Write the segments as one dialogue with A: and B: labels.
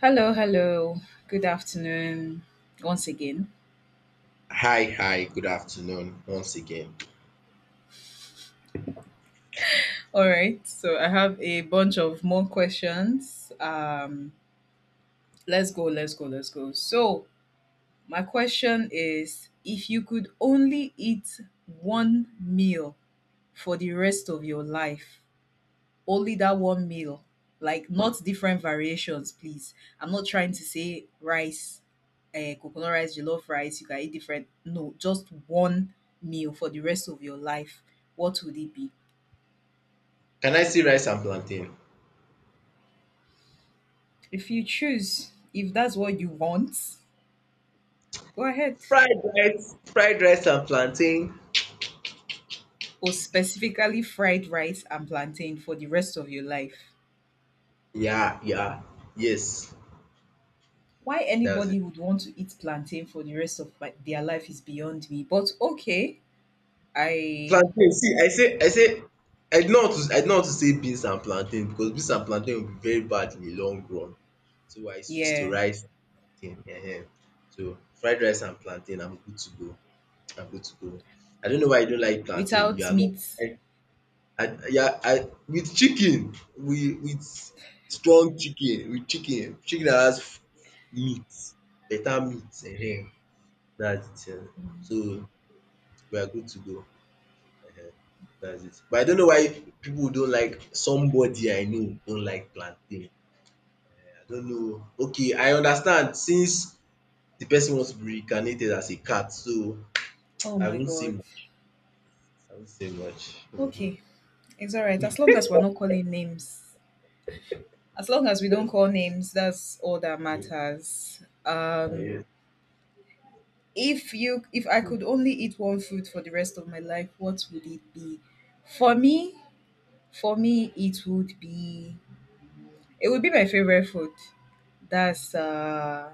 A: Hello, hello. Good afternoon once again.
B: Hi, hi, good afternoon once again.
A: All right, so I have a bunch of more questions. Let's go. So, my question is, if you could only eat one meal for the rest of your life, only that one meal. Like not different variations, please. I'm not trying to say rice, coconut rice, jollof rice. You can eat different. No, just one meal for the rest of your life. What would it be?
B: Can I see rice and plantain?
A: If you choose, if that's what you want, go ahead.
B: Fried rice and plantain.
A: Or specifically fried rice and plantain for the rest of your life.
B: Yeah, yeah, yes,
A: Why
B: that's it.
A: anybody would want to eat plantain for the rest of my, their life is beyond me. But okay, I
B: Plantain, see, I say, I don't want to say beans and plantain because beans and plantain will be very bad in the long run. So I switch to
A: yeah,
B: rice and plantain. Ehen. So fried rice and plantain, I'm good to go. I'm good to go. I don't know why you don't like plantain. You
A: without
B: are not.
A: meat.
B: I, yeah, I with chicken, we with strong chicken, with chicken dat has meat, better meat. Ehen, that's it. So we are good to go. That's it, but I don't know why people don't like, somebody I know don't like plantain. I don't know. Okay, I understand, since the person wants to be reincarnated as a cat. So
A: Oh
B: I
A: my
B: won't say
A: god.
B: much. I won't say much.
A: Okay, it's all right. As long as we're not calling names, as long as we don't call names, that's all that matters. If I could only eat one food for the rest of my life, what would it be? For me, for me, it would be my favorite food. That's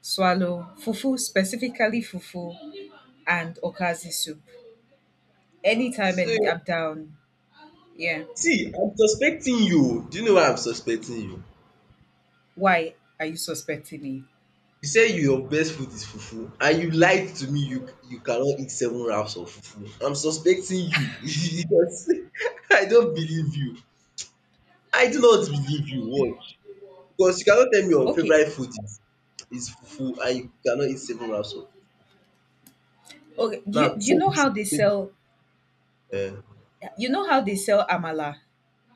A: swallow fufu, specifically fufu and okazi soup. Anytime, any, I'm
B: So,
A: down. Yeah.
B: see, I'm suspecting you. Do you know why I'm suspecting you?
A: Why are you suspecting me?
B: You say your best food is fufu and you lied to me. You cannot eat seven wraps of fufu. I'm suspecting you because I don't believe you. I do not believe you, watch, because you cannot tell me your
A: Okay.
B: favourite food is fufu and you cannot eat seven wraps of.
A: Okay. Do you,
B: Now
A: do you
B: say
A: know
B: the
A: how
B: truth,
A: they
B: say
A: sell,
B: the
A: you know how they sell amala?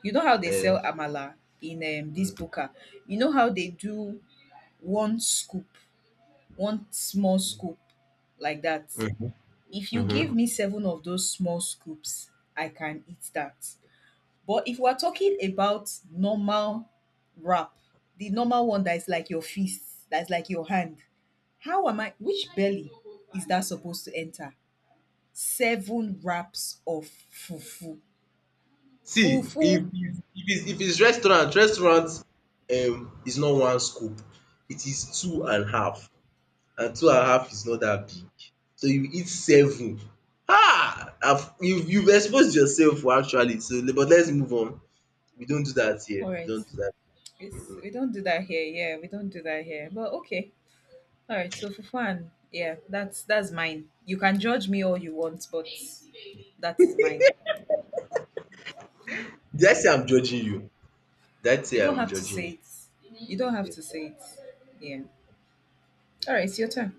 A: You know how they sell
B: truth.
A: amala in
B: um
A: this
B: um
A: buka? You know how they do one scoop, one small scoop like that.
B: mhm.
A: If you
B: Mhm.
A: give me seven of those small scoops, I can eat that. But if we're talking about normal wrap, the normal one that is like your fist, that's like your hand, how am I, which belly is that supposed to enter? Seven wraps of fufu.
B: See,
A: Fufu.
B: if it's restaurant, is not one scoop, it is two and half. And two and a half is not that big. So you eat seven. Ah! You've exposed yourself, actually. So, but let's move on. We don't do that here.
A: All right.
B: We don't do that.
A: It's, we don't do that here. Yeah, we don't do that here. But okay. All right. So fufu and yeah, that's mine. You can judge me all you want, but that is mine.
B: Did I say I'm judging you? Did I
A: You
B: say
A: don't
B: I'm
A: have to
B: judging
A: say
B: you?
A: it. You don't have
B: Okay,
A: to
B: sorry.
A: say it. Yeah. All right. It's your turn.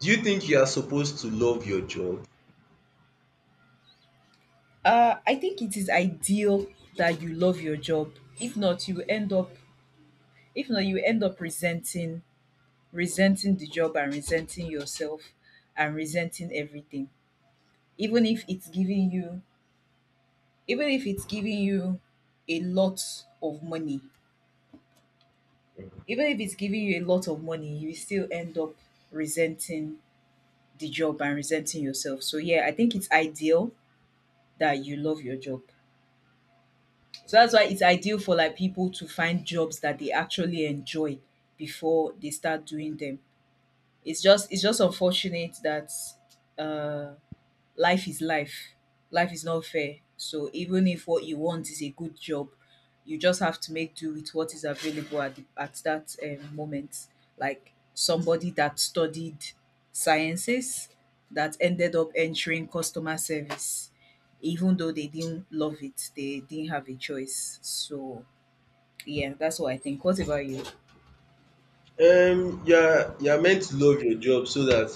B: Do you think you are supposed to love your job?
A: I think it is ideal that you love your job. If not, you end up. If not, you end up resenting the job and resenting yourself and resenting everything, even if it's giving you even if it's giving you a lot of money, even if it's giving you a lot of money, you still end up resenting the job and resenting yourself. So yeah, I think it's ideal that you love your job, so that's why it's ideal for like people to find jobs that they actually enjoy before they start doing them. It's just unfortunate that uh life is life. Life is not fair. So even if what you want is a good job, you just have to make do with what is available at that moment. Like somebody that studied sciences that ended up entering customer service, even though they didn't love it, they didn't have a choice. So yeah, that's what I think. What about you?
B: Okay. You are meant to love your job so that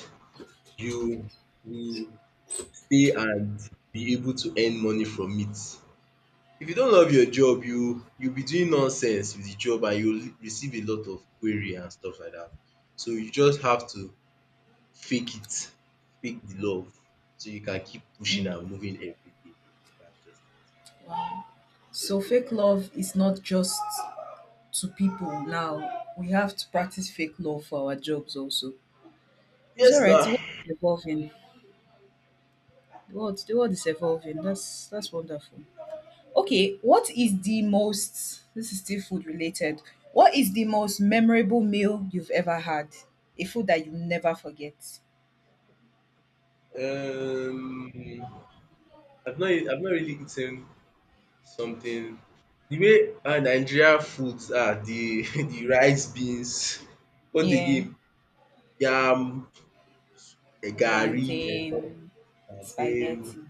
B: you you stay and be able to earn money from it. If you don't love your job, you be doing nonsense with the job and you will receive a lot of query and stuff like that. So you just have to fake it, fake the love, so you can keep pushing
A: Mm.
B: and moving every day. That's just.
A: So fake love is not just to people now. We have to practice fake love for our jobs also. It's all
B: Yes
A: right. The
B: now.
A: world is evolving. The world is evolving. That's wonderful. Okay, what is the most? This is still food related. What is the most memorable meal you've ever had? A food that you never forget.
B: um I've not really eaten something the way, ah, Nigeria foods are: the the rice, beans, what
A: Yeah,
B: again, yam, eh, garri,
A: plantain,
B: and then.
A: spaghetti.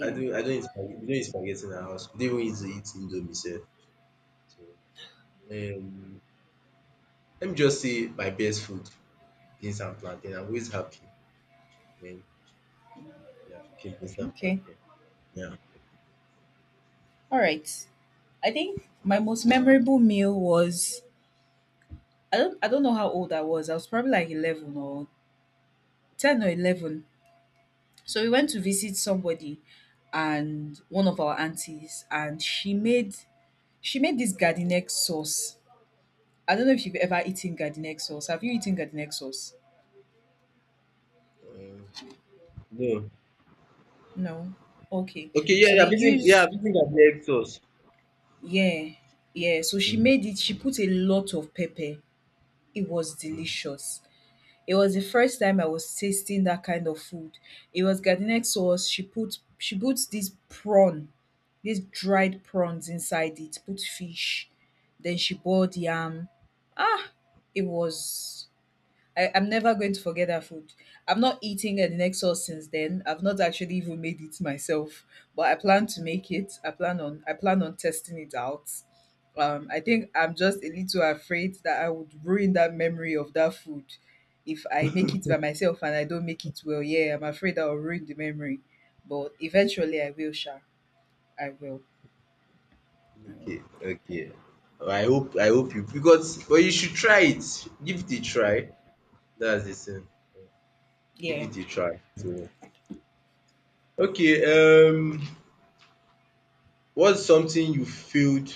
B: I don't I don't eat spaghetti. We don't eat spaghetti in our house. We don't even eat indomie sef. So, um let me just say my best food, beans and plantain. I'm always happy when they are cooking beans and
A: Okay.
B: plantain. Yeah.
A: All right. I think my most memorable meal was, I don't know how old I was. I was probably like 11 or 10 or 11. So we went to visit somebody and one of our aunties and she made, she made this garden egg sauce. I don't know if you've ever eaten garden egg sauce. Have you eaten garden egg sauce?
B: Um no.
A: No. Okay.
B: Okay, yeah,
A: So
B: yeah,
A: they
B: I've eaten, yeah,
A: use,
B: I've eaten garlic sauce.
A: yeah. Yeah. So she
B: Mm,
A: made it, she put a lot of pepper. It was
B: mm.
A: delicious. It was the first time I was tasting that kind of food. It was garlic sauce. She put this prawn, these dried prawns inside it, put fish, then she boiled yam. Ah, it was, I'm never going to forget that food. I'm not eating an Nexus since then. I've not actually even made it myself, but I plan to make it. I plan on testing it out. I think I'm just a little afraid that I would ruin that memory of that food if I make it by myself and I don't make it well. Yeah, I'm afraid I'll ruin the memory, but eventually I will. Sha, I will.
B: Okay, okay. I hope you, because, but you should try it. Give it a try. That's the thing. Give
A: Yeah.
B: it a try. So, okay, what's something you failed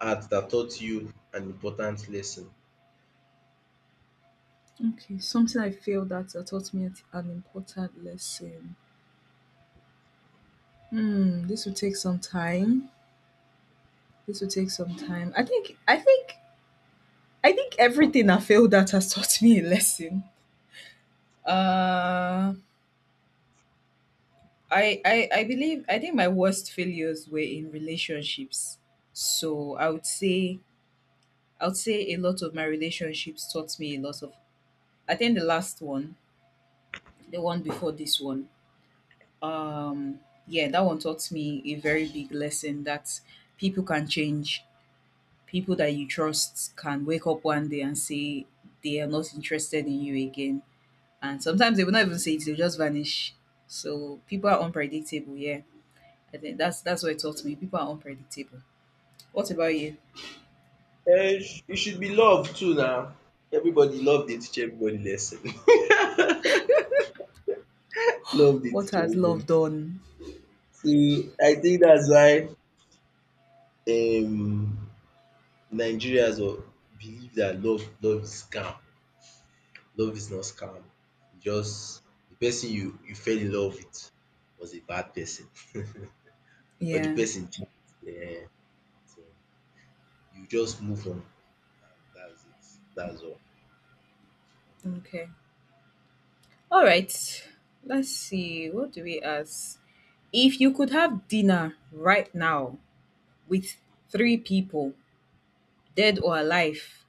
B: at that taught you an important lesson?
A: Okay, something I failed at that taught me an important lesson. Hmm, this will take some time. This will take some time. I think everything I failed at has taught me a lesson. Uh I believe, I think my worst failures were in relationships. So I would say a lot of my relationships taught me a lot of, I think the last one, the one before this one, um yeah, that one taught me a very big lesson that people can change. People that you trust can wake up one day and say they are not interested in you again, and sometimes they will not even say it; they'll just vanish. So people are unpredictable. Yeah, I think that's what it taught me. People are unpredictable. What about you?
B: Eh, it should be love too now. Everybody love dey teach everybody lesson. Love dey
A: What
B: teach
A: has
B: everybody.
A: love done?
B: So I think that's why, um Nigerians, or, believe that love is scam. Love is not scam. You just, the person you fell in love with was a bad person, or the
A: Yeah.
B: person cheat. um so you just move on, and that's it. That's all.
A: Okay. All right. Let's see. What do we ask? If you could have dinner right now with three people, dead or alive,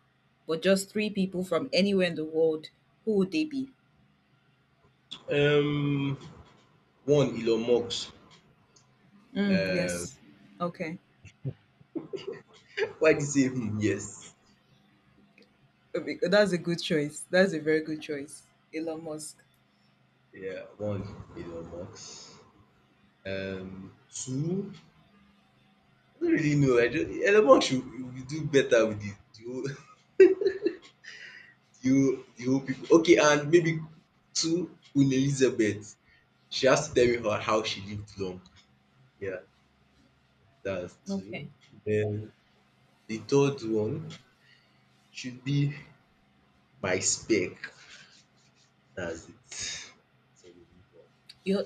A: but just three people from anywhere in the world, who would they be?
B: Um, one Elon Musk.
A: Mm,
B: Um,
A: yes. Okay.
B: why did you say hmm? Yes,
A: Okay, that's a good choice. That's a very good choice. Elon Musk.
B: yeah, one Elon Musk. Two, I don't really know. I don't, Elon Musk should do better with the whole the whole people. Okay, and maybe two Queen Elizabeth. She has to tell me how she lived long. Yeah, that's
A: Okay.
B: two. Then the third one should be my spec. That's it. So we move on.
A: Your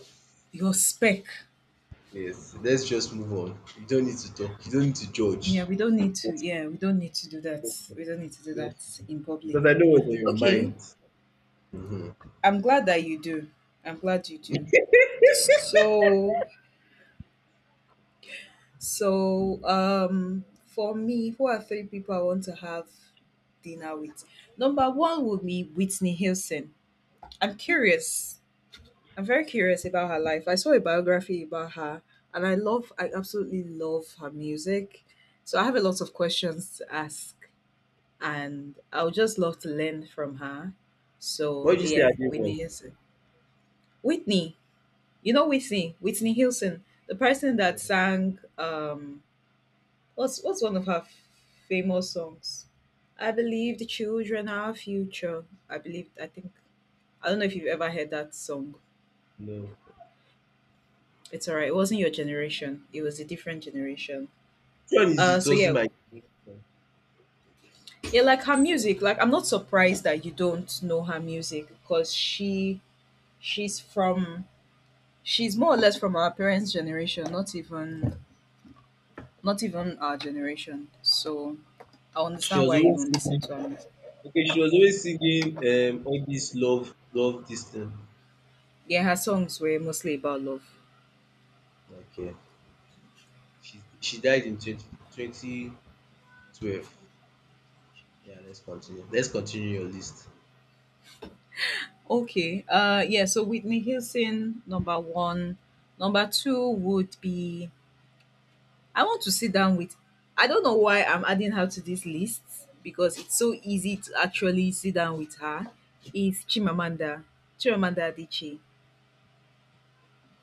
A: your spec.
B: Yes, let's just move on. You don't need to talk. You don't need to judge.
A: Yeah, we don't need to.
B: Just,
A: Yeah, we don't need to do that. We don't need to do
B: just,
A: that in
B: because I
A: public.
B: know what's on your
A: Okay.
B: mind. Hmm.
A: I'm glad that you do. I'm glad you do. So so for me, who are three people I want to have dinner with? Number one would be Whitney Houston. I'm curious I'm very curious about her life. I saw a biography about her, and I absolutely love her music. So I have a lot of questions to ask, and I would just love to learn from her.
B: What
A: So
B: did you say I
A: yeah,
B: did not
A: Whitney
B: was?
A: Houston. Whitney. You know Whitney, Whitney Houston, the person that
B: No,
A: sang um, what's one of her famous songs? I believe the children are our future. I believe, I think, I don't know if you've ever heard that song.
B: no.
A: It's all right. It wasn't your generation. It was a different generation.
B: Which one is
A: Uh,
B: it
A: so yeah,
B: wasn't my generation?
A: yeah, like her music. Like I'm not surprised that you don't know her music because she's from she's more or less from our parents' generation. Not even, not even our generation. So I
B: She
A: understand
B: was
A: why you
B: always
A: don't listen
B: singing.
A: to her music.
B: Okay, she was always singing, all this love this thing.
A: Yeah, her songs were mostly about love.
B: Like, yeah. She died in twenty twenty twelve. Yeah, let's continue. Let's continue your list.
A: Okay. Yeah. So Whitney Houston, number one. Number two would be, I want to sit down with, I don't know why I'm adding her to this list because it's so easy to actually sit down with her. Is Chimamanda, Chimamanda Adichie.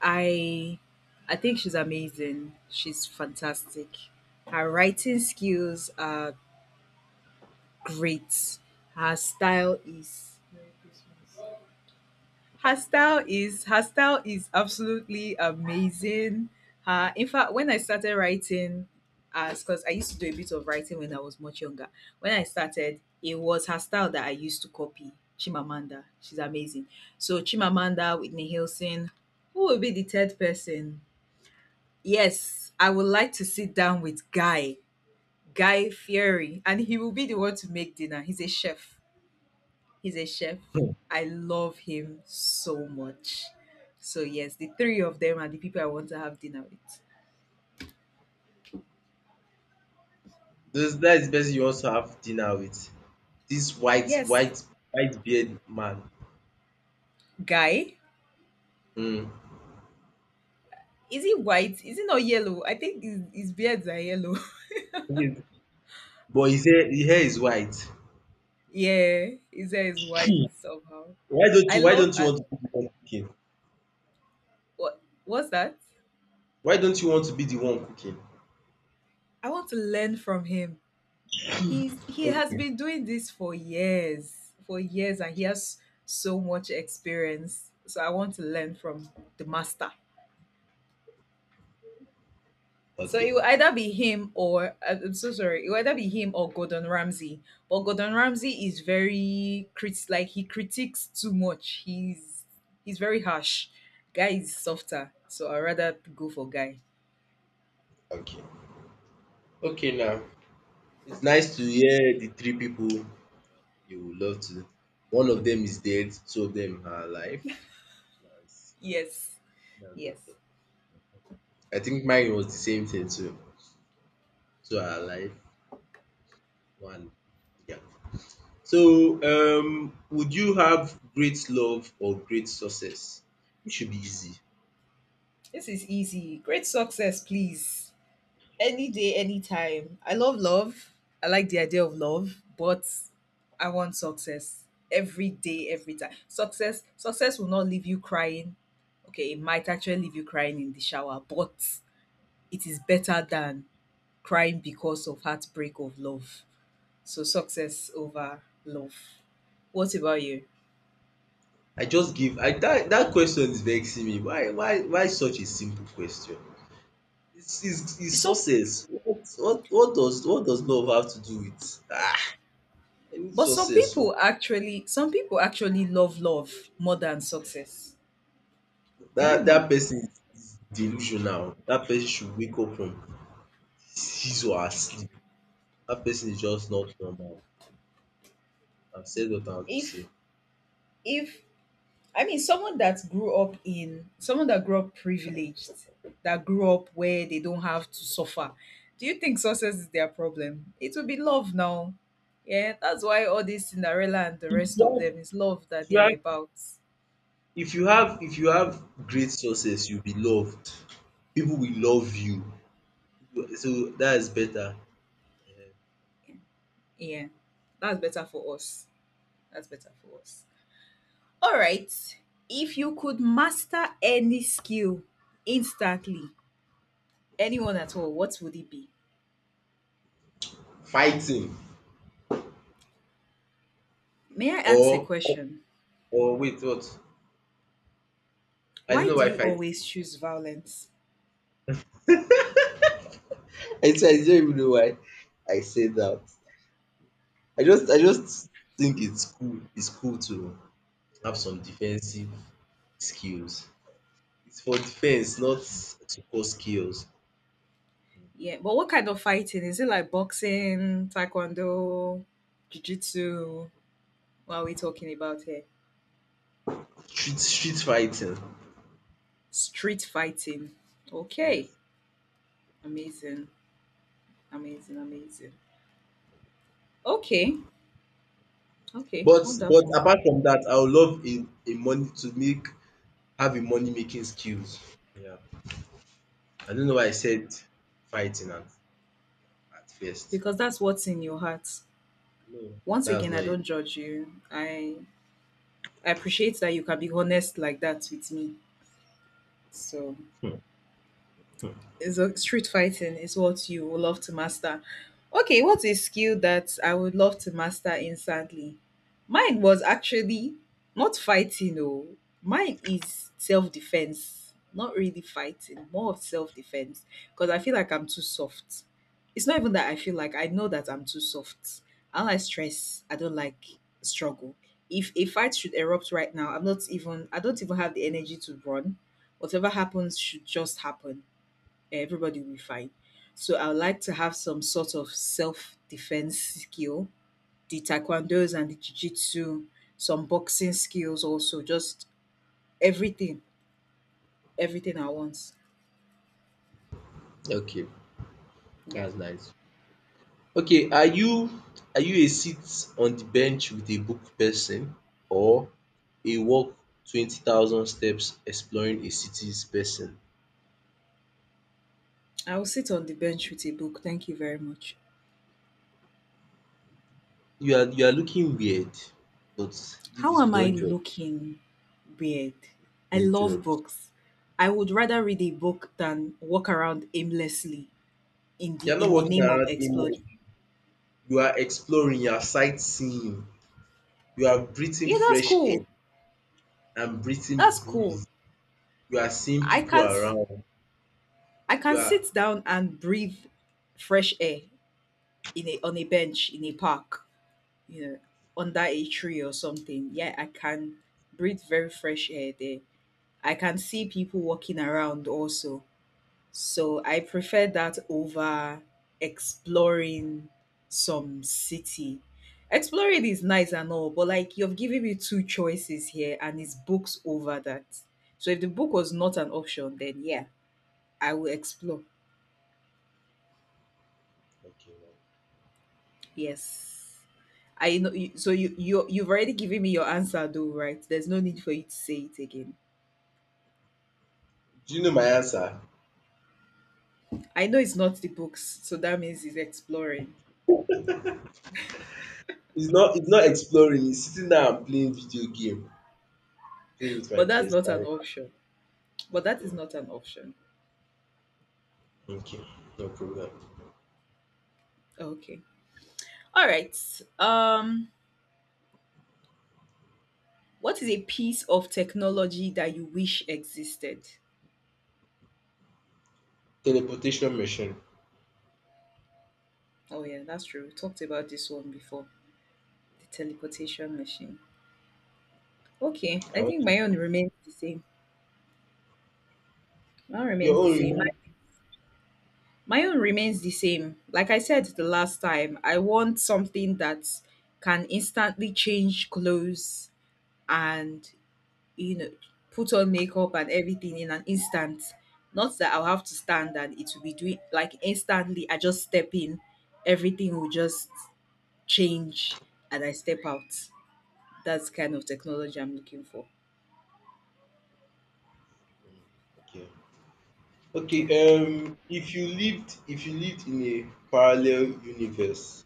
A: I I think she's amazing. She's fantastic. Her writing skills are great. Her style is her style is absolutely amazing. In fact, when I started writing, as because I used to do a bit of writing when I was much younger. When I started, it was her style that I used to copy. Chimamanda, she's amazing. So Chimamanda, Whitney Houston. Who will be the third person? Yes, I would like to sit down with Guy, Guy Fieri, and he will be the one to make dinner. He's a chef. He's a chef.
B: Hmm.
A: I love him so much. So yes, the three of them are the people I want to have dinner with.
B: Those, that is the person you also have dinner with. This white,
A: Yes,
B: white, white beard man.
A: guy.
B: Hmm.
A: Is he white? Is he not yellow? I think his beards are yellow.
B: Yes, but his hair is white.
A: yeah, his hair is white somehow.
B: Why don't
A: I
B: you why
A: love.
B: don't you want to be the one cooking?
A: What? What's that?
B: Why don't you want to be the one cooking?
A: I want to learn from him. He's, he has
B: Okay,
A: been doing this for years, and he has so much experience. So I want to learn from the master. So
B: okay,
A: it will either be him or I'm so sorry. It will either be him or Gordon Ramsay. But Gordon Ramsay is very crit, like he critiques too much. He's very harsh. Guy is softer, so I rather go for guy.
B: okay. Okay now. It's nice to hear the three people you would love to, one of them is dead, two of them are alive. That's
A: Yes,
B: that's
A: yes.
B: okay. I think mine was the same thing too. Two are alive, one, yeah. So, would you have great love or great success? It should be easy.
A: This is easy. Great success, please. Any day, anytime. I love love. I like the idea of love, but I want success every day, every time. Success, success will not leave you crying. Okay, it might actually leave you crying in the shower, but it is better than crying because of heartbreak of love. So success over love. What about you?
B: I just give, I, that question is vexing me. Why such a simple question? It's
A: Some,
B: success. What does love have to do with, ah. I need
A: but
B: success. So,
A: some people actually love more than success. Do you
B: that
A: know?
B: that person is delusional. That person should wake up from his or her sleep. Dat person is just not normal. I've said what I have to say.
A: If if someone that grew up privileged, that grew up where they don't have to suffer. Do you think success is their problem? It will be love now. Yeah, that's why all this Cinderella and the rest of
B: Yes,
A: them is love that they are
B: right.
A: about.
B: If you have great success, you'll be loved. People will love you. So that is better.
A: Yeah, that's better for us. That's better for us. All right. If you could master any skill instantly, anyone at all, what would it be?
B: Fighting.
A: May I ask a
B: or
A: question?
B: Or wait, what? I didn't
A: Why
B: know
A: do
B: why
A: you
B: fi
A: always choose violence?
B: I said, I don't even know why I said that. I just think it's cool. It's cool to have some defensive skills. It's for defense, not to cause chaos.
A: Yeah, but what kind of fighting? Is it like boxing, taekwondo, jiu-jitsu? What are we talking about here?
B: Street fighting.
A: Street fighting. Okay.
B: Yes.
A: Amazing. Amazing. Amazing. Okay. Okay.
B: But
A: Wonderful.
B: apart from that, I would love a money to make, have a money making skills. Yeah. I don't know why I said fighting at first.
A: Because that's what's in your heart.
B: No,
A: Once
B: that's
A: again,
B: not
A: I
B: it.
A: don't judge you. I appreciate that you can be honest like that with me. So
B: Hmm.
A: is a street fighting is what you would love to master. Okay, what's a skill that I would love to master instantly? Mine was actually not fighting, oh. Mine is self defense, not really fighting, more of self defense because I feel like I'm too soft. It's not even that I feel like I know that I'm too soft. I don't like stress. I don't like struggle. If a fight should erupt right now, I'm not even. I don't even have the energy to run. Whatever happens should just happen everybody will be fine. So I would like to have some sort of self-defense skill, the taekwondos and the jiu-jitsu, some boxing skills also, just everything, everything at once.
B: Okay,
A: Yeah.
B: that's nice. Okay, are you a sit on the bench with a book person, or a walk 20,000 steps exploring a city's person?
A: I will sit on the bench with a book. Thank you very much.
B: You are looking weird, but if
A: How
B: it's, we
A: am I
B: don't judge,
A: looking weird? I
B: don't
A: love
B: judge.
A: books. I would rather read a book than walk around aimlessly in the
B: You're not
A: in the
B: walking
A: name of
B: around
A: explode.
B: aimlessly. You are exploring, you are sightseeing, you are breathing
A: Yeah, that's
B: fresh air
A: cool.
B: and breathing
A: That's cool.
B: breeze. You are seeing
A: I
B: people
A: can't
B: around.
A: I
B: You
A: can
B: are
A: sit down and breathe fresh air in a on a bench in a park, you know, under a tree or something. Yeah, I can breathe very fresh air there. I can see people walking around also. So I prefer that over exploring some city. Exploring is nice and all, but like you've given me two choices here and it's books over that. So if the book was not an option, then yeah, I will explore.
B: okay now.
A: Yes. I know you, so you've already given me your answer though, right? There's no need for you to say it again.
B: Do you know my answer?
A: I know it's not the books, so that means it's exploring.
B: It's not exploring, it's sitting down and playing video game. Play with my
A: But that's not an
B: PS5.
A: option. But
B: I
A: that is
B: do.
A: not an option.
B: Thank you. No problem.
A: Okay. All right. Um what is a piece of technology that you wish existed?
B: Teleportation machine.
A: Oh yeah, that's true. We talked about this one before. The teleportation machine. Okay,
B: I
A: I
B: want
A: think
B: to,
A: my own remains the same. Mine
B: your
A: remains the
B: own, you
A: same.
B: know?
A: My own remains the same. Like I said the last time, I want something that can instantly change clothes and, you know, put on makeup and everything in an instant. Not that I'll have to stand and it will be doing like instantly. I just step in, everything will just change and I step out. That's kind of technology I'm looking for.
B: Okay. Okay.
A: Yeah.
B: If you lived in a parallel universe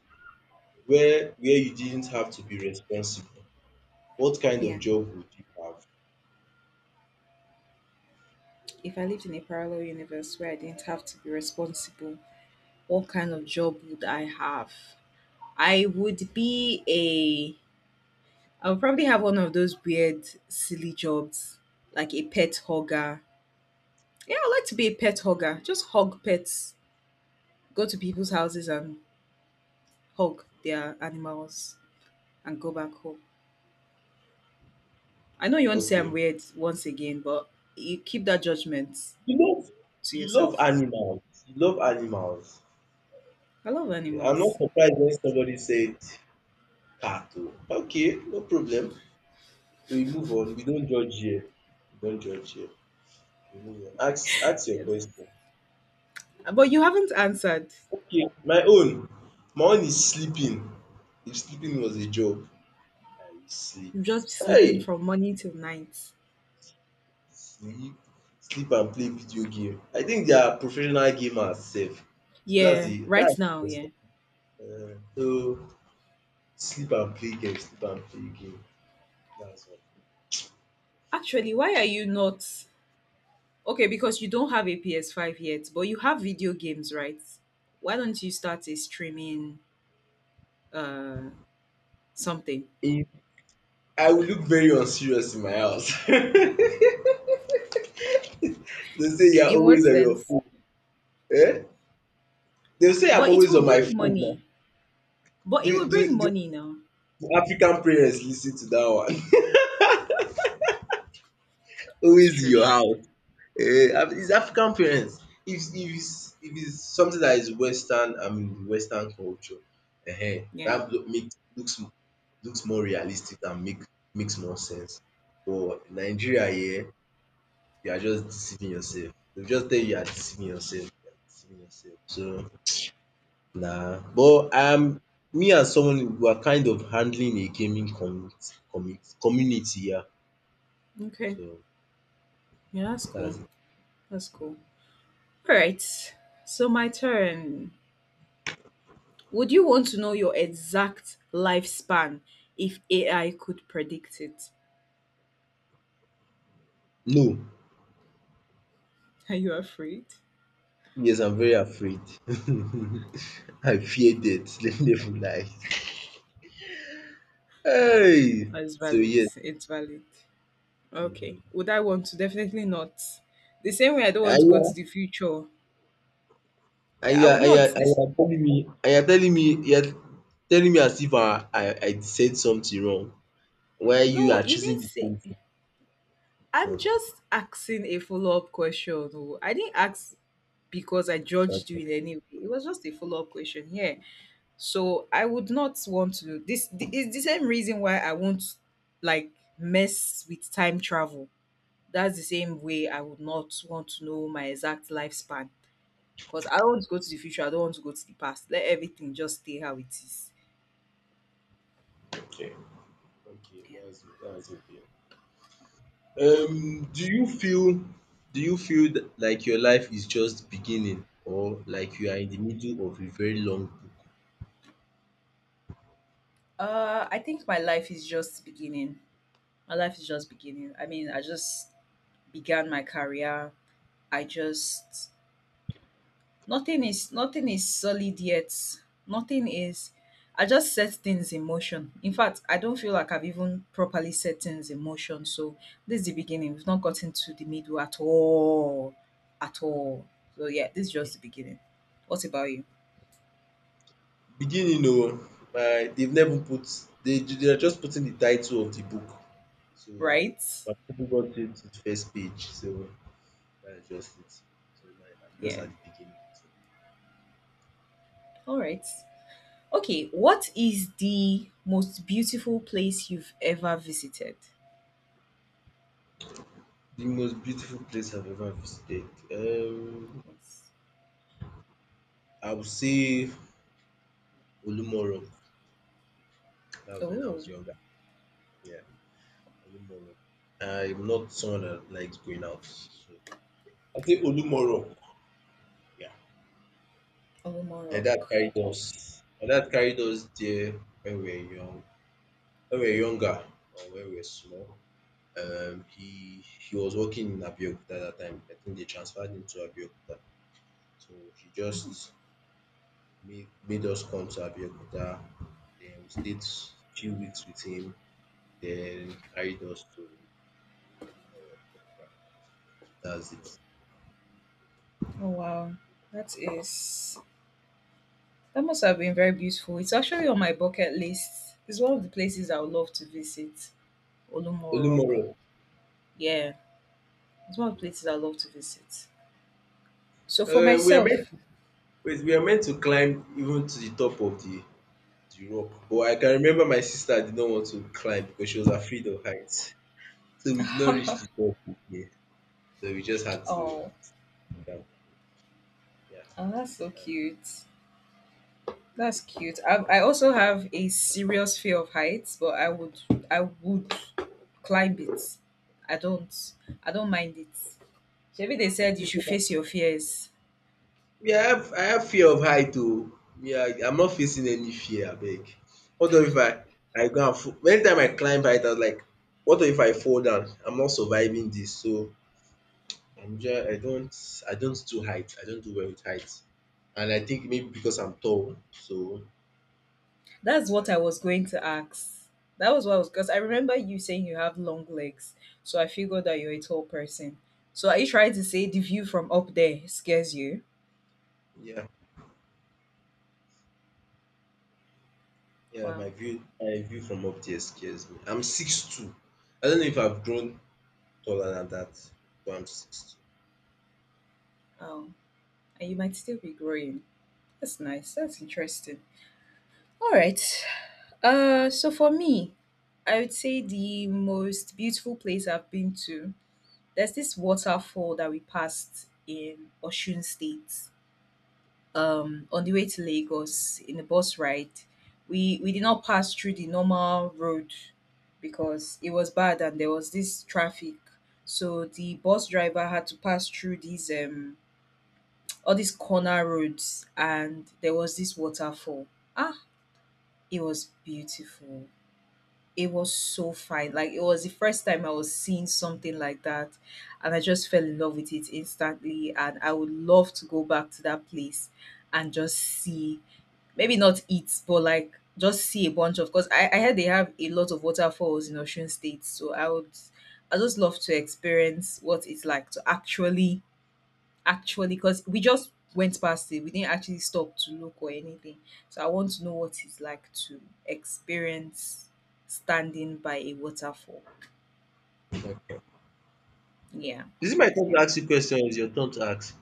B: where you didn't have to be responsible, what kind of
A: Yeah.
B: job would you have?
A: If I lived in a parallel universe where I didn't have to be responsible, what kind of job would I have? I would be a. I would probably have one of those weird, silly jobs, like a pet hugger. Yeah, I'd like to be a pet hugger. Just hug pets. Go to people's houses and hug their animals and go back home. I know you want to say I'm
B: Okay.
A: weird once again, but you keep that judgment
B: You love
A: to
B: you love
A: yourself.
B: animals. You love animals.
A: I love
B: Okay. I'm not
A: animals.
B: surprised when somebody said cat. Oh. Okay, no problem. We move on. We don't judge here. We don't judge here. We move on. Ask your
A: Yes.
B: question.
A: But you haven't answered.
B: Okay, my own, my own is sleeping. If sleeping was a job, I will sleep.
A: You've just sleeping
B: Hey!
A: from morning till night.
B: Sleep, sleep and play video game. I think they are professional gamers sef. So that's
A: Yeah,
B: the,
A: right
B: that's the
A: now, yeah.
B: question. So, sleep and play game, sleep and play game. That's all.
A: Actually, why are you not Okay, because you don't have a PS5 yet, but you have video games, right? Why don't you start a streaming uh something?
B: If, I will look very unserious in my house. They say you are
A: In what
B: always on your
A: sense?
B: phone. um they say I'm
A: But it
B: always
A: will
B: on my
A: bring
B: phone na.
A: money. But
B: Do
A: it will
B: do
A: bring
B: do
A: money now.
B: African parents lis ten to that one?
A: Well, it's
B: Always in
A: true,
B: your
A: sha.
B: house. It's African parents. If it's something that is western, I mean, western culture,
A: Yeah.
B: dat make looks looks more realistic and makes more sense. But Nigeria here, you are just deceiving yourself. Dey just tell you, you are deceiving yourself, you are deceiving yourself. So, nah. But, me and someone, we are kind of handling a gaming community, community here.
A: Okay.
B: So
A: Yeah, that's cool.
B: that's it.
A: That's cool. All right. So my turn. Would you want to know your exact lifespan if AI could predict it?
B: No.
A: Are you afraid?
B: Yes, I'm very afraid. I fear death, let me even lie. Hey!
A: It's
B: So
A: valid.
B: yes.
A: It's valid. Okay.
B: Mhm.
A: Would I want to? Definitely not. The same way I don't want to
B: And you
A: go to
B: are
A: the future.
B: and
A: Yeah, I
B: you are
A: would not. This
B: telling me, you are telling me as if I said something wrong while you
A: No,
B: are
A: you
B: choosing
A: didn't
B: the
A: say.
B: same thing.
A: I'm
B: No.
A: just asking a follow-up question, oh. I didn't ask because I judged you
B: Okay.
A: in any way. It was just a follow-up question. Yeah. So I would not want to it's the same reason why I won't like mess with time travel. That's the same way I would not want to know my exact lifespan, because I don't want to go to the future. I don't want to go to the past. Let everything just stay how it is.
B: Okay. Okay.
A: Yeah.
B: That's okay. Um, do you feel do you feel like your life is just beginning, or like you are in the middle of a very long.
A: I think my life is just beginning. My life is just beginning. I mean, I just began my career. I just nothing is solid yet. Nothing is. I just set things in motion. In fact, I don't feel like I've even properly set things in motion. So this is the beginning. We've not gotten to the middle at all, at all. So yeah, this is just the beginning. What about you?
B: Beginning, oh, my, they've never put, they are just putting the title of the book. So,
A: Right?
B: my people got it to the first page, so that's just it. So, my, I'm just
A: Yeah.
B: at the beginning. So.
A: All right. Okay. What is the most beautiful place you've ever visited?
B: The most beautiful place I've ever visited. Um
A: Yes.
B: I would say Olumoro. That was when I
A: Oh,
B: was younger. Yeah, Olumoro. I'm not someone that likes going out. So I think Olumoro. Yeah.
A: Olomouc
B: My dad
A: Rock.
B: carried
A: Oh.
B: us. My dad carried us there when we were young, when we were younger, or when we were small. um, he he was working in Abeokuta at that time. I think they transferred him to Abeokuta. So he
A: Mhm.
B: just made us come to Abeokuta. Then we stayed few weeks with him. Then carried us to Olumoro. Yeah, that's it.
A: Oh, wow. That is that must have been very beautiful. It's actually on my bucket list. It's one of the places I would love to visit. Olomouc Rock.
B: Olumoro.
A: Yeah, it's one of the places I
B: Okay.
A: love to visit. So for
B: We are meant,
A: myself,
B: wait, we are meant to climb even to the top of the rock. But I can remember my sister did not want to climb because she was afraid of heights. So we did not reach the top there. So we just had to
A: oh,
B: down. Yeah.
A: oh that's so
B: That's.
A: cute. That's cute. I also have a serious fear of heights, but I would climb it. I don't I don't mind it. Shebi they said you
B: It's
A: should
B: okay.
A: face your fears.
B: I have fear of height too. Yeah, I am not facing any fear, I beg. What if I go and fall? Anytime I climb height, I was like, what if I fall down? I'm not surviving this. So I'm just I don't I don't do height. I don't do well with height. And I think maybe because I'm tall. So,
A: That's what I was going to ask. That was what I was because I remember you saying you have long legs, so I figured that you're a tall person. So are you trying to say the view from up there scares you?
B: yeah, yeah, my
A: Wow.
B: view my view from up there scares me. I'm 6'2". I don't know if I've grown taller than that, but I'm six
A: Oh, and you might still be growing. That's nice. That's interesting. All right. So for me, I would say the most beautiful place I've been to, there's this waterfall that we passed in Osun State. On the way to Lagos in the bus ride, we did not pass through the normal road because it was bad and there was this traffic. So the bus driver had to pass through these all these corner roads and there was this waterfall. Ah, it was beautiful. It was so fine. Like it was the first time I was seeing something like that, and I just fell in love with it instantly. And I would love to go back to that place and just see, maybe not eat, but like just see a bunch of. Because I heard they have a lot of waterfalls in Osun State, so I would, I just love to experience what it's like to actually because we just went past it. We didn't actually stop to look or anything. So I want to know what it's like to experience standing by a waterfall.
B: two. Okay.
A: Yeah.
B: Is it my turn to
A: Yeah.
B: ask you question, or is your turn to ask?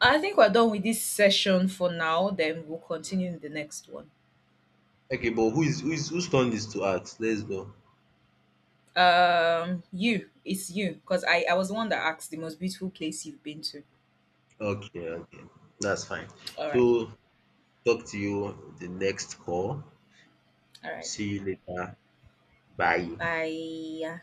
A: I think we're done with this session for now. Then we'll continue in the next one.
B: Okay, but who is, whose turn is to ask? Let's go.
A: You, it's you, because I was the one that asked the most beautiful place you've been to.
B: Okay, okay. That's fine.
A: All right.
B: So talk to you the next call.
A: All right.
B: See you later. Bye.
A: Bye.